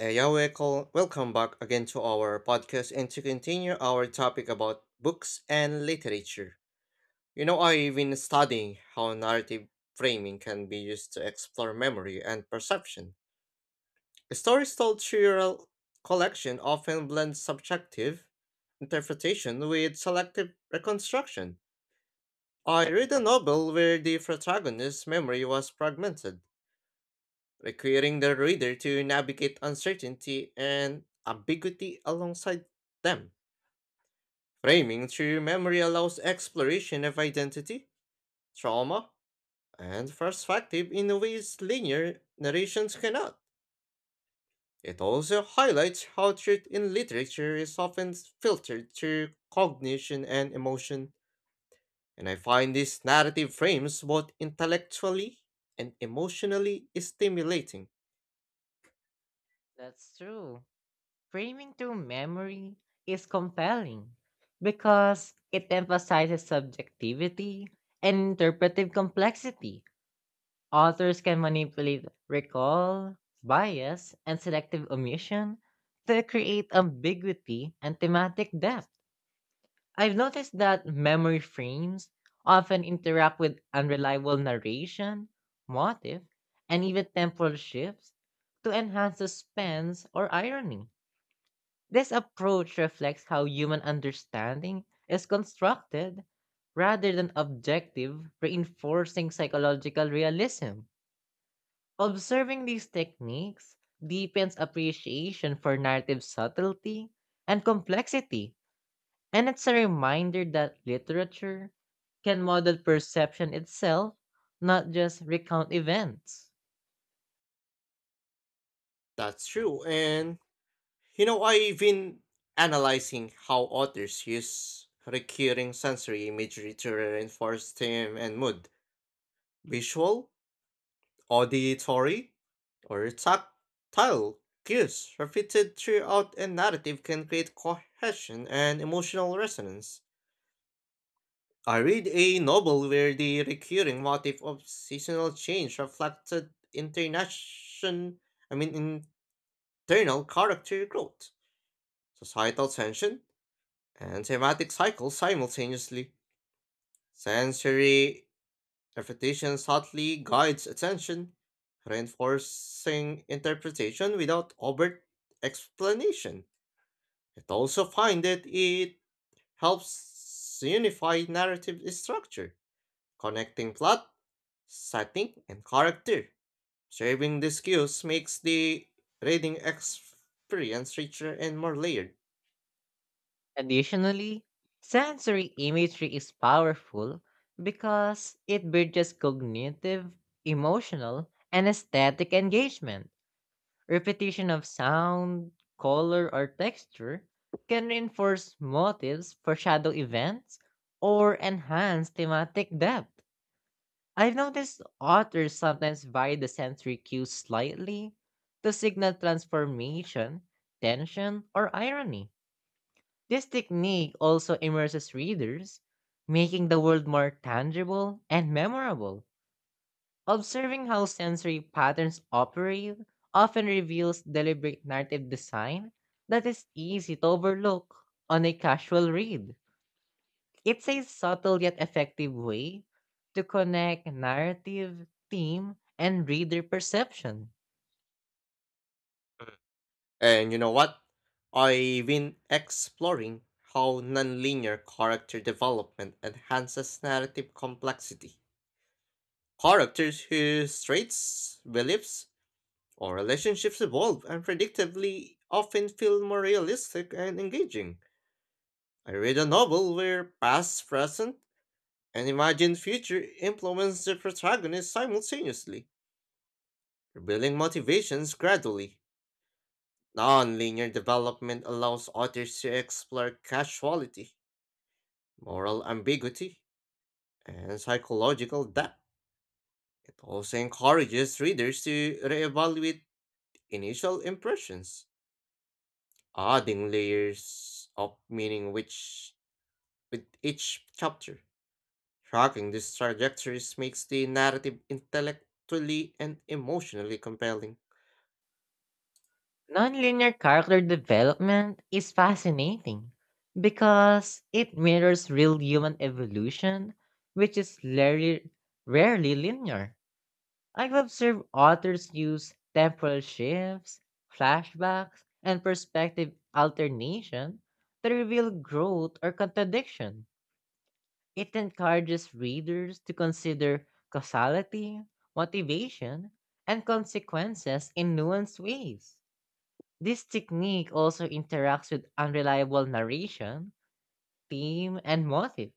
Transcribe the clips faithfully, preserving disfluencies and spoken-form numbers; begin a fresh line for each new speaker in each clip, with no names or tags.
Uh, yeah, welcome, welcome back again to our podcast and to continue our topic about books and literature. You know, I've been studying how narrative framing can be used to explore memory and perception. Stories told through a collection often blend subjective interpretation with selective reconstruction. I read a novel where the protagonist's memory was fragmented requiring the reader to navigate uncertainty and ambiguity alongside them. Framing through memory allows exploration of identity, trauma, and perspective in ways linear narrations cannot. It also highlights how truth in literature is often filtered through cognition and emotion, and I find this narrative frames both intellectually and emotionally stimulating.
That's true. Framing through memory is compelling because it emphasizes subjectivity and interpretive complexity. Authors can manipulate recall, bias, and selective omission to create ambiguity and thematic depth. I've noticed that memory frames often interact with unreliable narration, motive, and even temporal shifts to enhance suspense or irony. This approach reflects how human understanding is constructed rather than objective, reinforcing psychological realism. Observing these techniques deepens appreciation for narrative subtlety and complexity, and it's a reminder that literature can model perception itself, not just recount events.
That's true. And you know, I've been analyzing how authors use recurring sensory imagery to reinforce theme and mood. Visual, auditory, or tactile cues repeated throughout a narrative can create cohesion and emotional resonance. I read a novel where the recurring motif of seasonal change reflected internation, I mean internal character growth, societal tension, and thematic cycles simultaneously. Sensory repetition subtly guides attention, reinforcing interpretation without overt explanation. It also find that it helps unify narrative structure, connecting plot, setting, and character. Saving these cues makes the reading experience richer and more layered.
Additionally, sensory imagery is powerful because it bridges cognitive, emotional, and aesthetic engagement. Repetition of sound, color, or texture can reinforce motives, foreshadow events, or enhance thematic depth. I've noticed authors sometimes vary the sensory cues slightly to signal transformation, tension, or irony. This technique also immerses readers, making the world more tangible and memorable. Observing how sensory patterns operate often reveals deliberate narrative design that is easy to overlook on a casual read. It's a subtle yet effective way to connect narrative, theme, and reader perception.
Mm. And you know what? I've been exploring how nonlinear character development enhances narrative complexity. Characters whose traits, beliefs, or relationships evolve unpredictably often feel more realistic and engaging. I read a novel where past, present, and imagined future influence the protagonist simultaneously, revealing motivations gradually. Non-linear development allows authors to explore casuality, moral ambiguity, and psychological depth. It also encourages readers to reevaluate initial impressions, adding layers of meaning which with each chapter. Tracking these trajectories makes the narrative intellectually and emotionally compelling.
Nonlinear character development is fascinating because it mirrors real human evolution, which is rarely, rarely linear. I've observed authors use temporal shifts, flashbacks, and perspective alternation to reveal growth or contradiction. It encourages readers to consider causality, motivation, and consequences in nuanced ways. This technique also interacts with unreliable narration, theme, and motive,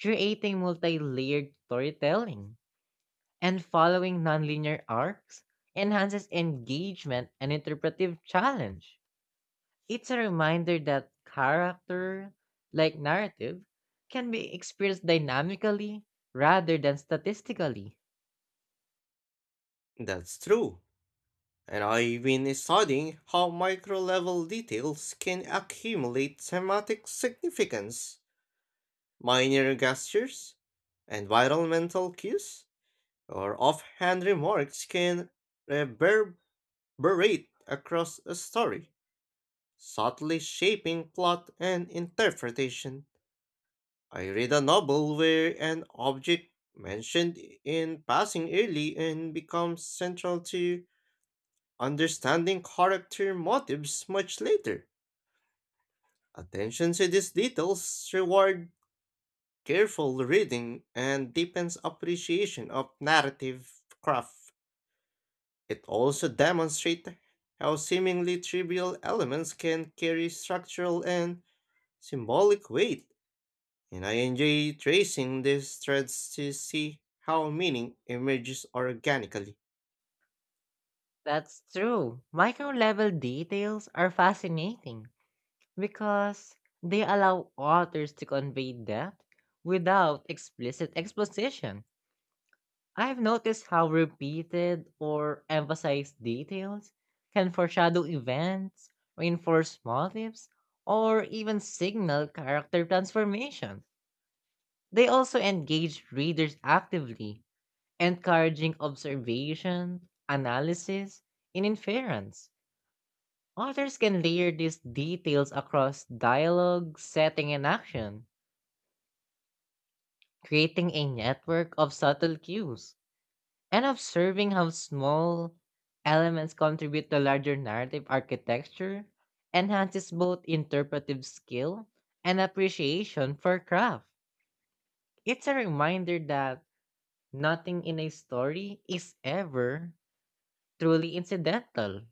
creating multi layered storytelling. And following nonlinear arcs enhances engagement and interpretive challenge. It's a reminder that character, like narrative, can be experienced dynamically rather than statistically.
That's true. And I've been studying how micro level details can accumulate thematic significance. Minor gestures, environmental cues, or offhand remarks can reverberate across a story, subtly shaping plot and interpretation. I read a novel where an object mentioned in passing early and becomes central to understanding character motives much later. Attention to these details reward careful reading and deepens appreciation of narrative craft. It also demonstrates how seemingly trivial elements can carry structural and symbolic weight, and I enjoy tracing these threads to see how meaning emerges organically.
That's true. Micro level details are fascinating because they allow authors to convey depth without explicit exposition. I've noticed how repeated or emphasized details can foreshadow events, reinforce motives, or even signal character transformation. They also engage readers actively, encouraging observation, analysis, and inference. Authors can layer these details across dialogue, setting, and action, creating a network of subtle cues, and observing how small elements contribute to larger narrative architecture enhances both interpretive skill and appreciation for craft. It's a reminder that nothing in a story is ever truly incidental.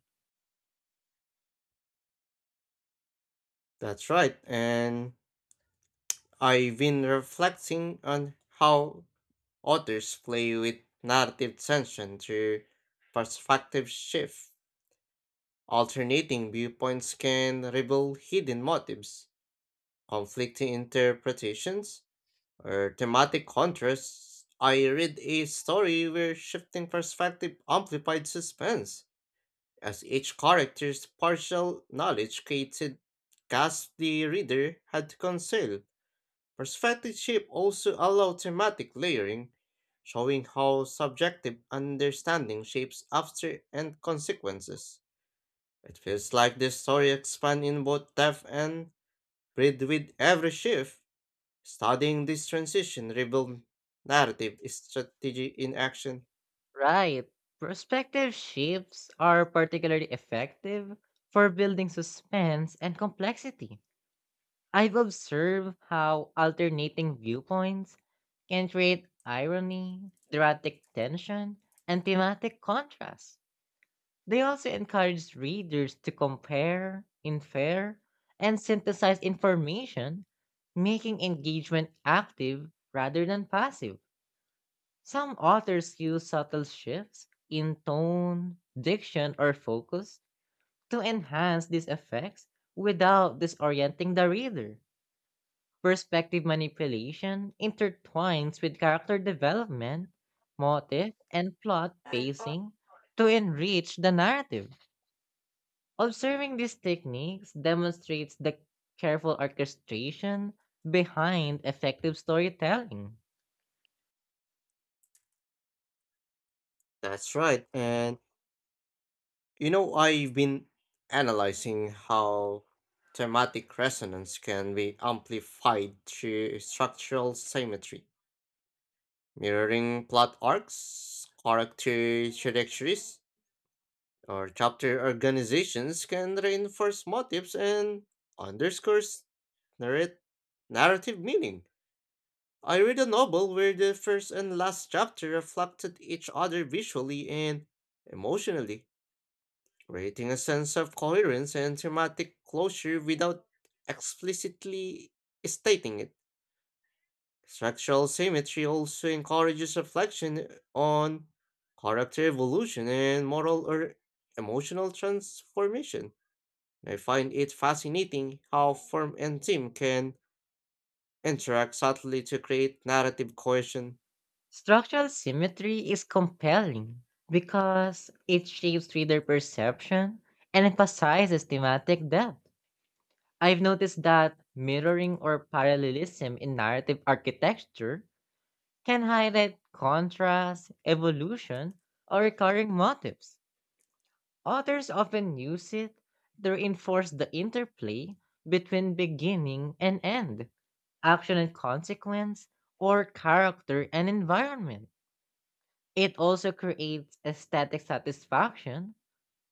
That's right, and I've been reflecting on how authors play with narrative tension through perspective shift. Alternating viewpoints can reveal hidden motives, conflicting interpretations, or thematic contrasts. I read a story where shifting perspective amplified suspense as each character's partial knowledge created gaps the reader had to conceal. Perspective shift also allowed thematic layering, showing how subjective understanding shapes after and consequences. It feels like this story expands in both depth and breadth with every shift. Studying this transition revealed narrative strategy in action.
Right. Perspective shifts are particularly effective for building suspense and complexity. I've observed how alternating viewpoints can create irony, dramatic tension, and thematic contrast. They also encourage readers to compare, infer, and synthesize information, making engagement active rather than passive. Some authors use subtle shifts in tone, diction, or focus to enhance these effects without disorienting the reader. Perspective manipulation intertwines with character development, motive, and plot pacing to enrich the narrative. Observing these techniques demonstrates the careful orchestration behind effective storytelling.
That's right, and you know, I've been analyzing how thematic resonance can be amplified through structural symmetry, mirroring plot arcs, character trajectories, or chapter organizations can reinforce motifs and underscores narrate narrative meaning. I read a novel where the first and last chapter reflected each other visually and emotionally creating a sense of coherence and thematic closure without explicitly stating it. Structural symmetry also encourages reflection on character evolution and moral or emotional transformation. I find it fascinating how form and theme can interact subtly to create narrative cohesion.
Structural symmetry is compelling because it shapes reader perception and emphasizes thematic depth. I've noticed that mirroring or parallelism in narrative architecture can highlight contrast, evolution, or recurring motifs. Authors often use it to reinforce the interplay between beginning and end, action and consequence, or character and environment. It also creates aesthetic satisfaction,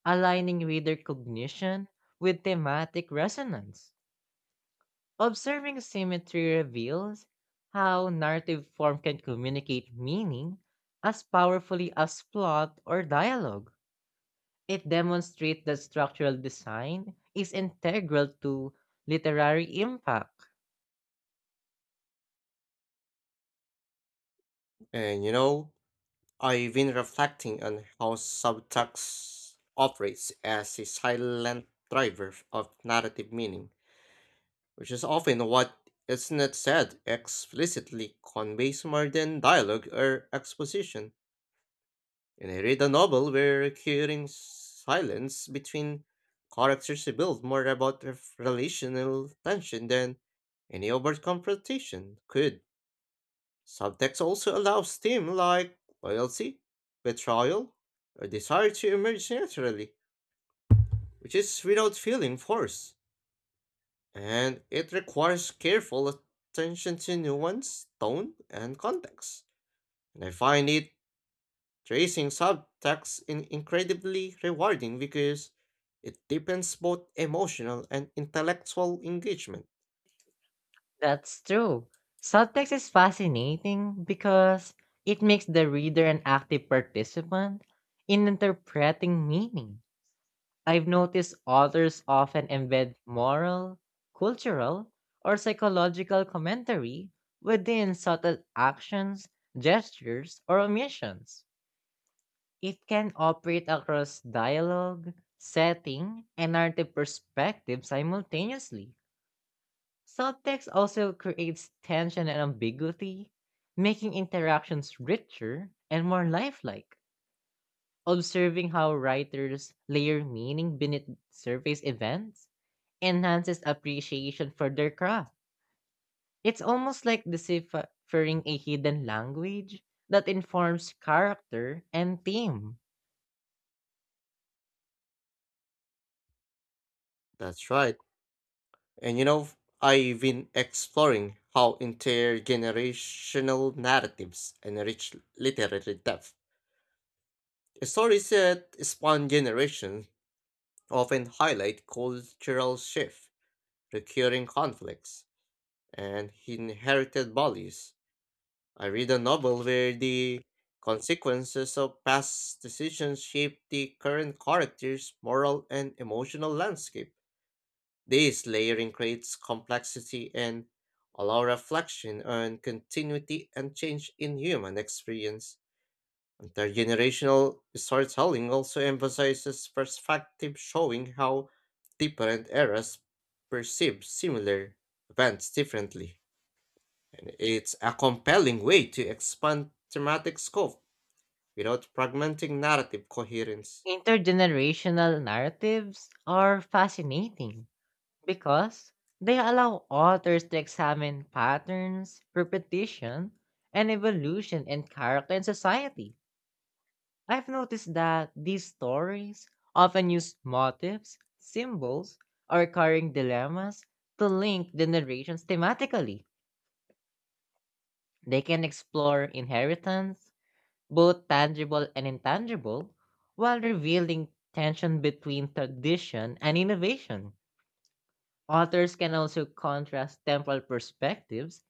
aligning reader cognition with thematic resonance. Observing symmetry reveals how narrative form can communicate meaning as powerfully as plot or dialogue. It demonstrates that structural design is integral to literary impact.
And you know, I've been reflecting on how subtext operates as a silent driver of narrative meaning, which is often what is not said explicitly conveys more than dialogue or exposition. And I read a novel where recurring silence between characters revealed more about ref- relational tension than any overt confrontation could. Subtext also allows themes like loyalty, betrayal, or desire to emerge naturally, which is without feeling forced, and it requires careful attention to nuance, tone, and context. And I find it tracing subtext in incredibly rewarding because it deepens both emotional and intellectual engagement.
That's true. Subtext is fascinating because it makes the reader an active participant in interpreting meaning. I've noticed authors often embed moral, cultural, or psychological commentary within subtle actions, gestures, or omissions. It can operate across dialogue, setting, and narrative perspective simultaneously. Subtext also creates tension and ambiguity, making interactions richer and more lifelike. Observing how writers layer meaning beneath surface events enhances appreciation for their craft. It's almost like deciphering a hidden language that informs character and theme.
That's right. And you know, I've been exploring how intergenerational narratives enrich literary depth. Stories that span generations often highlight cultural shift, recurring conflicts, and inherited values. I read a novel where the consequences of past decisions shape the current character's moral and emotional landscape. This layering creates complexity and allow reflection on continuity and change in human experience. Intergenerational storytelling also emphasizes perspective, showing how different eras perceive similar events differently. And it's a compelling way to expand thematic scope without fragmenting narrative coherence.
Intergenerational narratives are fascinating because they allow authors to examine patterns, repetition, and evolution in character and society. I've noticed that these stories often use motifs, symbols, or recurring dilemmas to link the narrations thematically. They can explore inheritance, both tangible and intangible, while revealing tension between tradition and innovation. Authors can also contrast temporal perspectives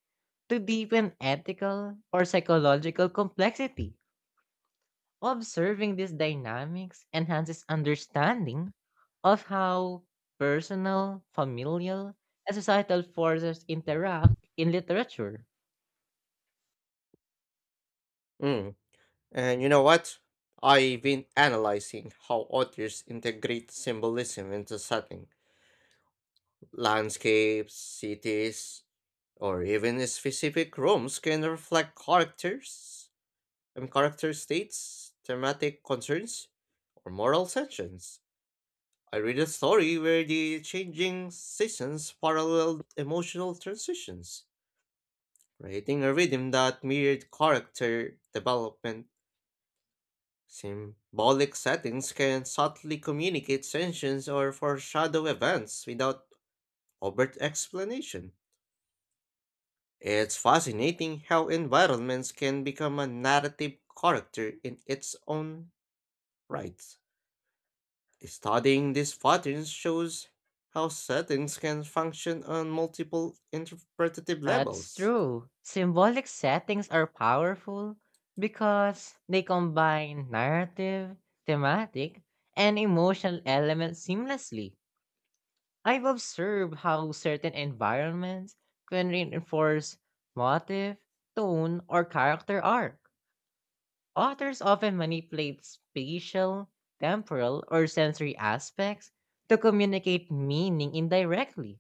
to deepen ethical or psychological complexity. Observing these dynamics enhances understanding of how personal, familial, and societal forces interact in literature.
Mm. And you know what? I've been analyzing how authors integrate symbolism into setting. Landscapes, cities, or even specific rooms can reflect characters, um, character states, thematic concerns, or moral tensions. I read a story where the changing seasons paralleled emotional transitions, creating a rhythm that mirrored character development. Symbolic settings can subtly communicate tensions or foreshadow events without overt explanation. It's fascinating how environments can become a narrative character in its own right. Studying these patterns shows how settings can function on multiple interpretative
That's
levels.
true. Symbolic settings are powerful because they combine narrative, thematic, and emotional elements seamlessly. I've observed how certain environments can reinforce motive, tone, or character arc. Authors often manipulate spatial, temporal, or sensory aspects to communicate meaning indirectly.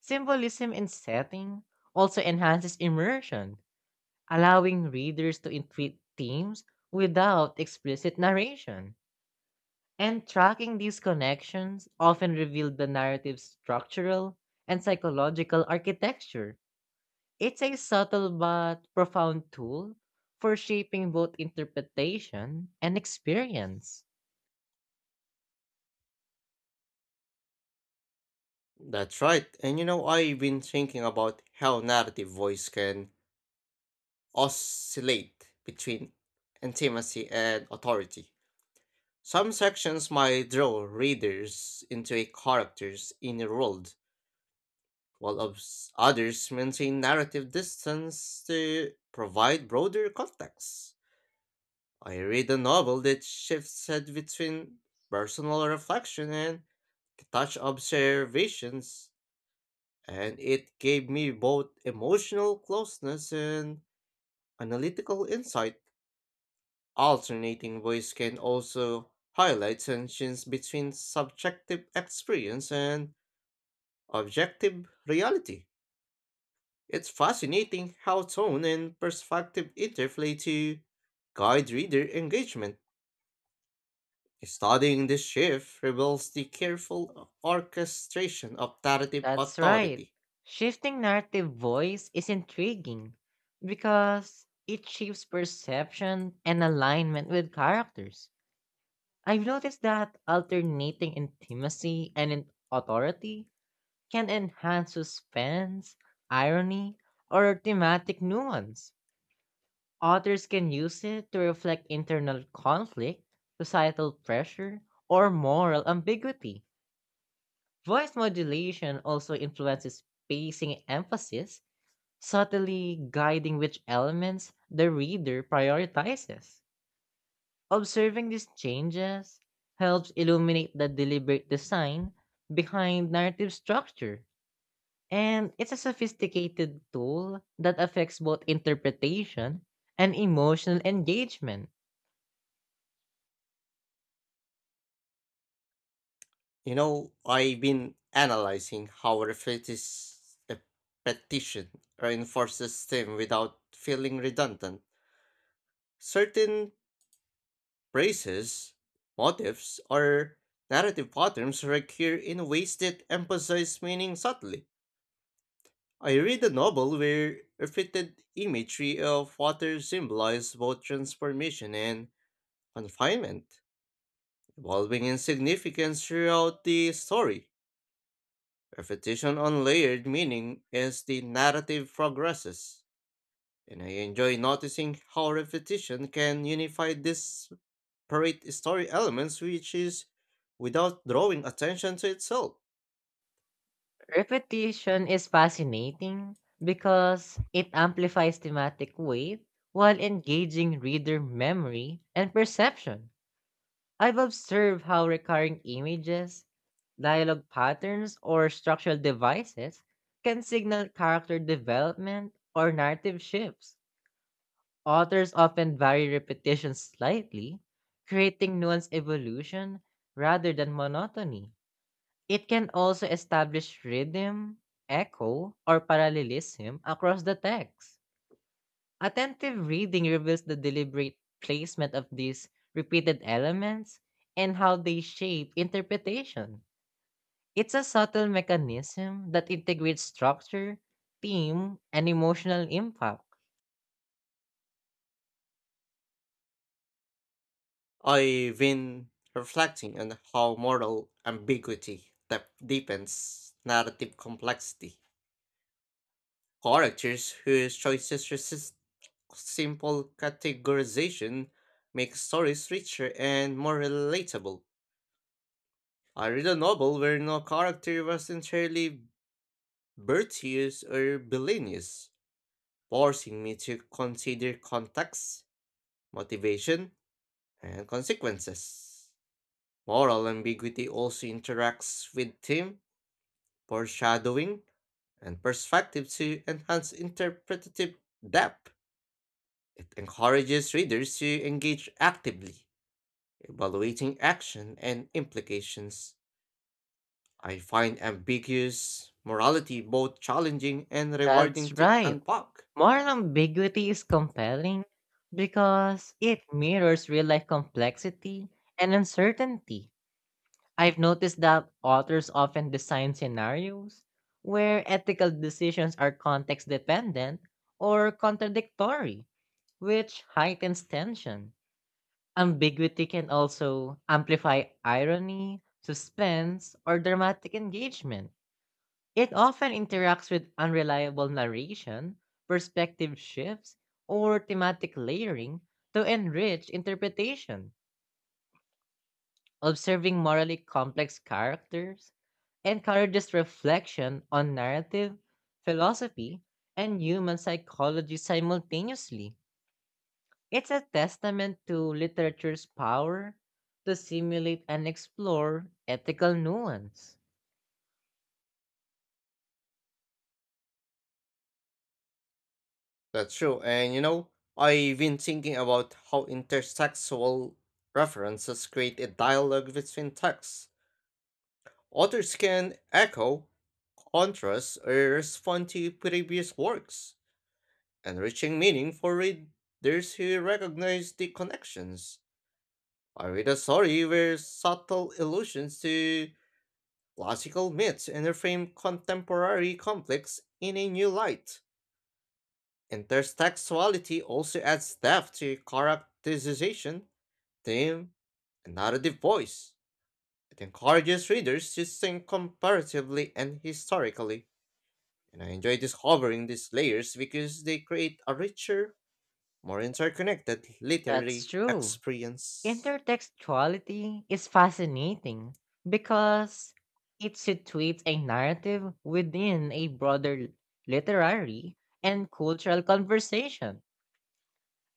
Symbolism in setting also enhances immersion, allowing readers to intuit themes without explicit narration. And tracking these connections often revealed the narrative's structural and psychological architecture. It's a subtle but profound tool for shaping both interpretation and experience.
That's right, and you know, I've been thinking about how narrative voice can oscillate between intimacy and authority. Some sections might draw readers into a character's inner world, while obs- others maintain narrative distance to provide broader context. I read a novel that shifts head between personal reflection and detached observations, and it gave me both emotional closeness and analytical insight. Alternating voice can also highlight tensions between subjective experience and objective reality. It's fascinating how tone and perspective interplay to guide reader engagement. Studying this shift reveals the careful orchestration of narrative
That's right.
authority.
Shifting narrative voice is intriguing because it shapes perception and alignment with characters. I've noticed that alternating intimacy and in- authority can enhance suspense, irony, or thematic nuance. Authors can use it to reflect internal conflict, societal pressure, or moral ambiguity. Voice modulation also influences pacing emphasis, subtly guiding which elements the reader prioritizes. Observing these changes helps illuminate the deliberate design behind narrative structure. And it's a sophisticated tool that affects both interpretation and emotional engagement.
You know, I've been analyzing how repetition repetition reinforces them without feeling redundant. Certain phrases, motifs, or narrative patterns recur in ways that emphasize meaning subtly. I read a novel where repeated imagery of water symbolized both transformation and confinement, evolving in significance throughout the story. Repetition on layered meaning as the narrative progresses, and I enjoy noticing how repetition can unify these separate story elements which is without drawing attention to itself.
Repetition is fascinating because it amplifies thematic weight while engaging reader memory and perception. I've observed how recurring images, dialogue patterns, or structural devices can signal character development or narrative shifts. Authors often vary repetition slightly, creating nuanced evolution rather than monotony. It can also establish rhythm, echo, or parallelism across the text. Attentive reading reveals the deliberate placement of these repeated elements and how they shape interpretation. It's a subtle mechanism that integrates structure, theme, and emotional impact.
I've been reflecting on how moral ambiguity that deepens narrative complexity. Characters whose choices resist simple categorization make stories richer and more relatable. I read a novel where no character was entirely virtuous or villainous, forcing me to consider context, motivation, and consequences. Moral ambiguity also interacts with theme, foreshadowing, and perspective to enhance interpretative depth. It encourages readers to engage actively, evaluating action and implications. I find ambiguous morality both challenging and
That's
rewarding to
right.
unpack.
Moral ambiguity is compelling because it mirrors real life complexity and uncertainty. I've noticed that authors often design scenarios where ethical decisions are context dependent or contradictory, which heightens tension. Ambiguity can also amplify irony, suspense, or dramatic engagement. It often interacts with unreliable narration, perspective shifts, or thematic layering to enrich interpretation. Observing morally complex characters encourages reflection on narrative, philosophy, and human psychology simultaneously. It's a testament to literature's power to simulate and explore ethical nuance.
That's true, and you know, I've been thinking about how intersexual references create a dialogue between texts. Others can echo, contrast, or respond to previous works, enriching meaning for readers who recognize the connections. I read a story where subtle allusions to classical myths reframe contemporary conflicts in a new light. Intertextuality also adds depth to characterization, theme, and narrative voice. It encourages readers to think comparatively and historically. And I enjoy discovering these layers because they create a richer, more interconnected
That's
literary
true.
experience.
Intertextuality is fascinating because it situates a narrative within a broader literary and cultural conversation.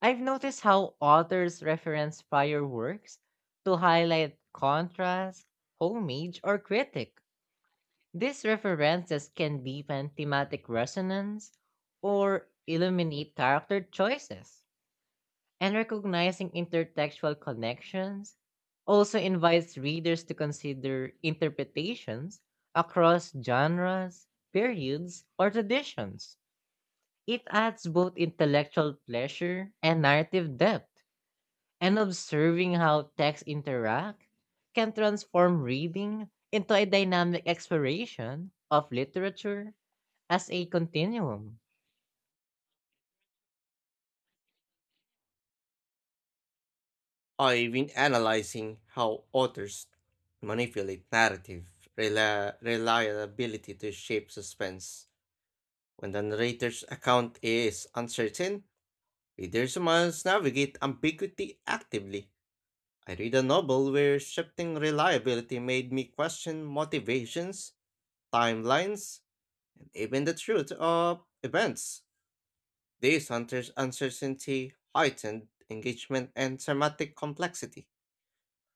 I've noticed how authors reference prior works to highlight contrast, homage, or critique. These references can deepen thematic resonance or illuminate character choices. And recognizing intertextual connections also invites readers to consider interpretations across genres, periods, or traditions. It adds both intellectual pleasure and narrative depth, and observing how texts interact can transform reading into a dynamic exploration of literature as a continuum.
I've been analyzing how authors manipulate narrative rela- reliability to shape suspense. When the narrator's account is uncertain, readers must navigate ambiguity actively. I read a novel where shifting reliability made me question motivations, timelines, even the truth of events. These hunters' uncertainty, heightened engagement, and thematic complexity.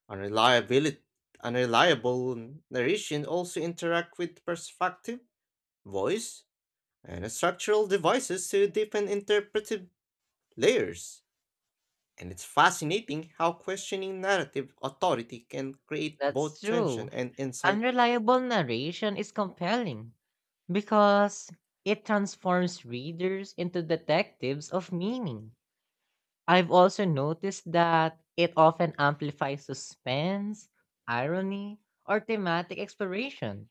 Unreliability, unreliable narration also interact with perspective, voice, and structural devices to deepen interpretive layers. And it's fascinating how questioning narrative authority can create
That's
both
true.
tension and insight.
Unreliable narration is compelling because it transforms readers into detectives of meaning. I've also noticed that it often amplifies suspense, irony, or thematic exploration.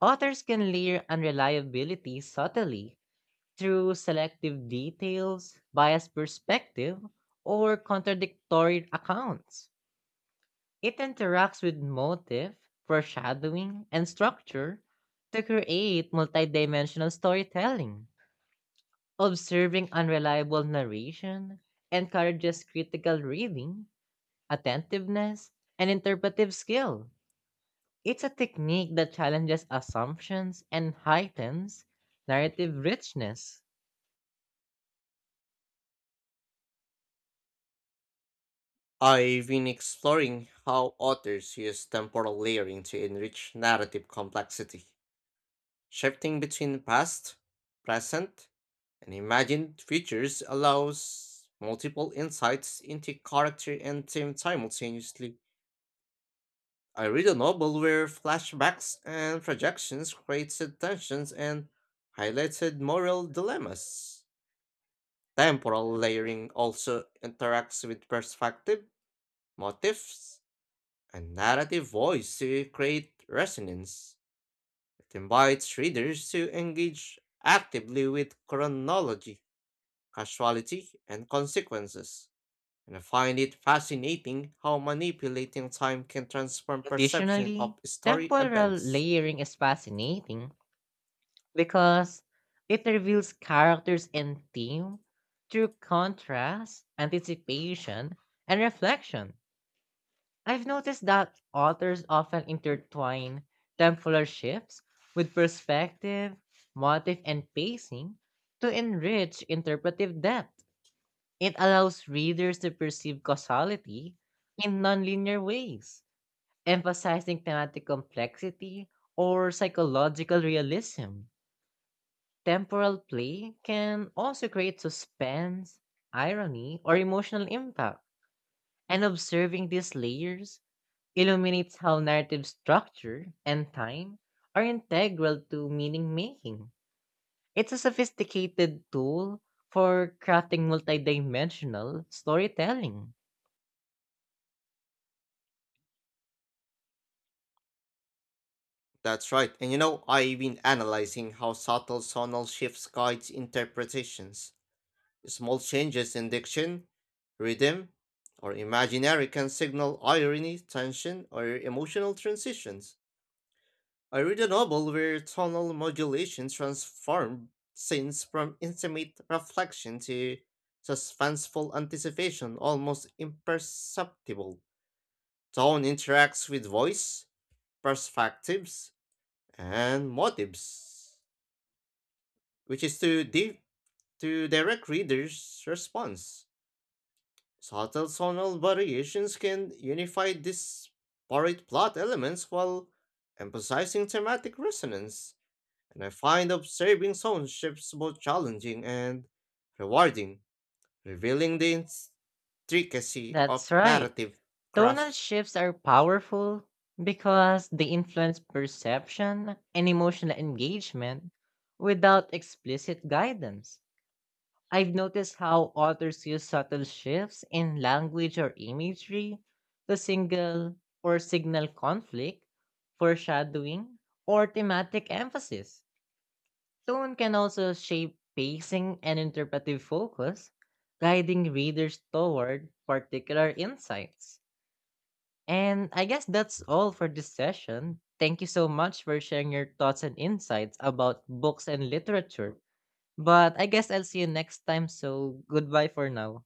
Authors can layer unreliability subtly through selective details, biased perspective, or contradictory accounts. It interacts with motive, foreshadowing, and structure to create multidimensional storytelling. Observing unreliable narration encourages critical reading, attentiveness, and interpretive skill. It's a technique that challenges assumptions and heightens narrative richness.
I've been exploring how authors use temporal layering to enrich narrative complexity, shifting between past, present, and imagined futures allows multiple insights into character and theme simultaneously. I read a novel where flashbacks and projections created tensions and highlighted moral dilemmas. Temporal layering also interacts with perspective, motifs, a narrative voice to create resonance. It invites readers to engage actively with chronology, causality, and consequences. And I find it fascinating how manipulating time can transform perception
Additionally,
of story
temporal
events.
layering is fascinating because it reveals characters and theme through contrast, anticipation, and reflection. I've noticed that authors often intertwine temporal shifts with perspective, motive, and pacing to enrich interpretive depth. It allows readers to perceive causality in nonlinear ways, emphasizing thematic complexity or psychological realism. Temporal play can also create suspense, irony, or emotional impact, and observing these layers illuminates how narrative structure and time are integral to meaning making. It's a sophisticated tool for crafting multidimensional storytelling.
That's right, and you know, I've been analyzing how subtle sonal shifts guides interpretations. Small changes in diction, rhythm, or imaginary can signal irony, tension, or emotional transitions. I read a novel where tonal modulation transformed scenes from intimate reflection to suspenseful anticipation, almost imperceptible. Tone interacts with voice, perspectives, and motives, which is to, di- to direct readers' response. Subtle tonal variations can unify disparate plot elements while emphasizing thematic resonance, and I find observing sound shifts both challenging and rewarding, revealing the intricacy of
That's right.
narrative
Tonal
craft.
shifts are powerful because they influence perception and emotional engagement without explicit guidance. I've noticed how authors use subtle shifts in language or imagery to single or signal conflict, foreshadowing, or thematic emphasis. Tone can also shape pacing and interpretive focus, guiding readers toward particular insights. And I guess that's all for this session. Thank you so much for sharing your thoughts and insights about books and literature. But I guess I'll see you next time, so goodbye for now.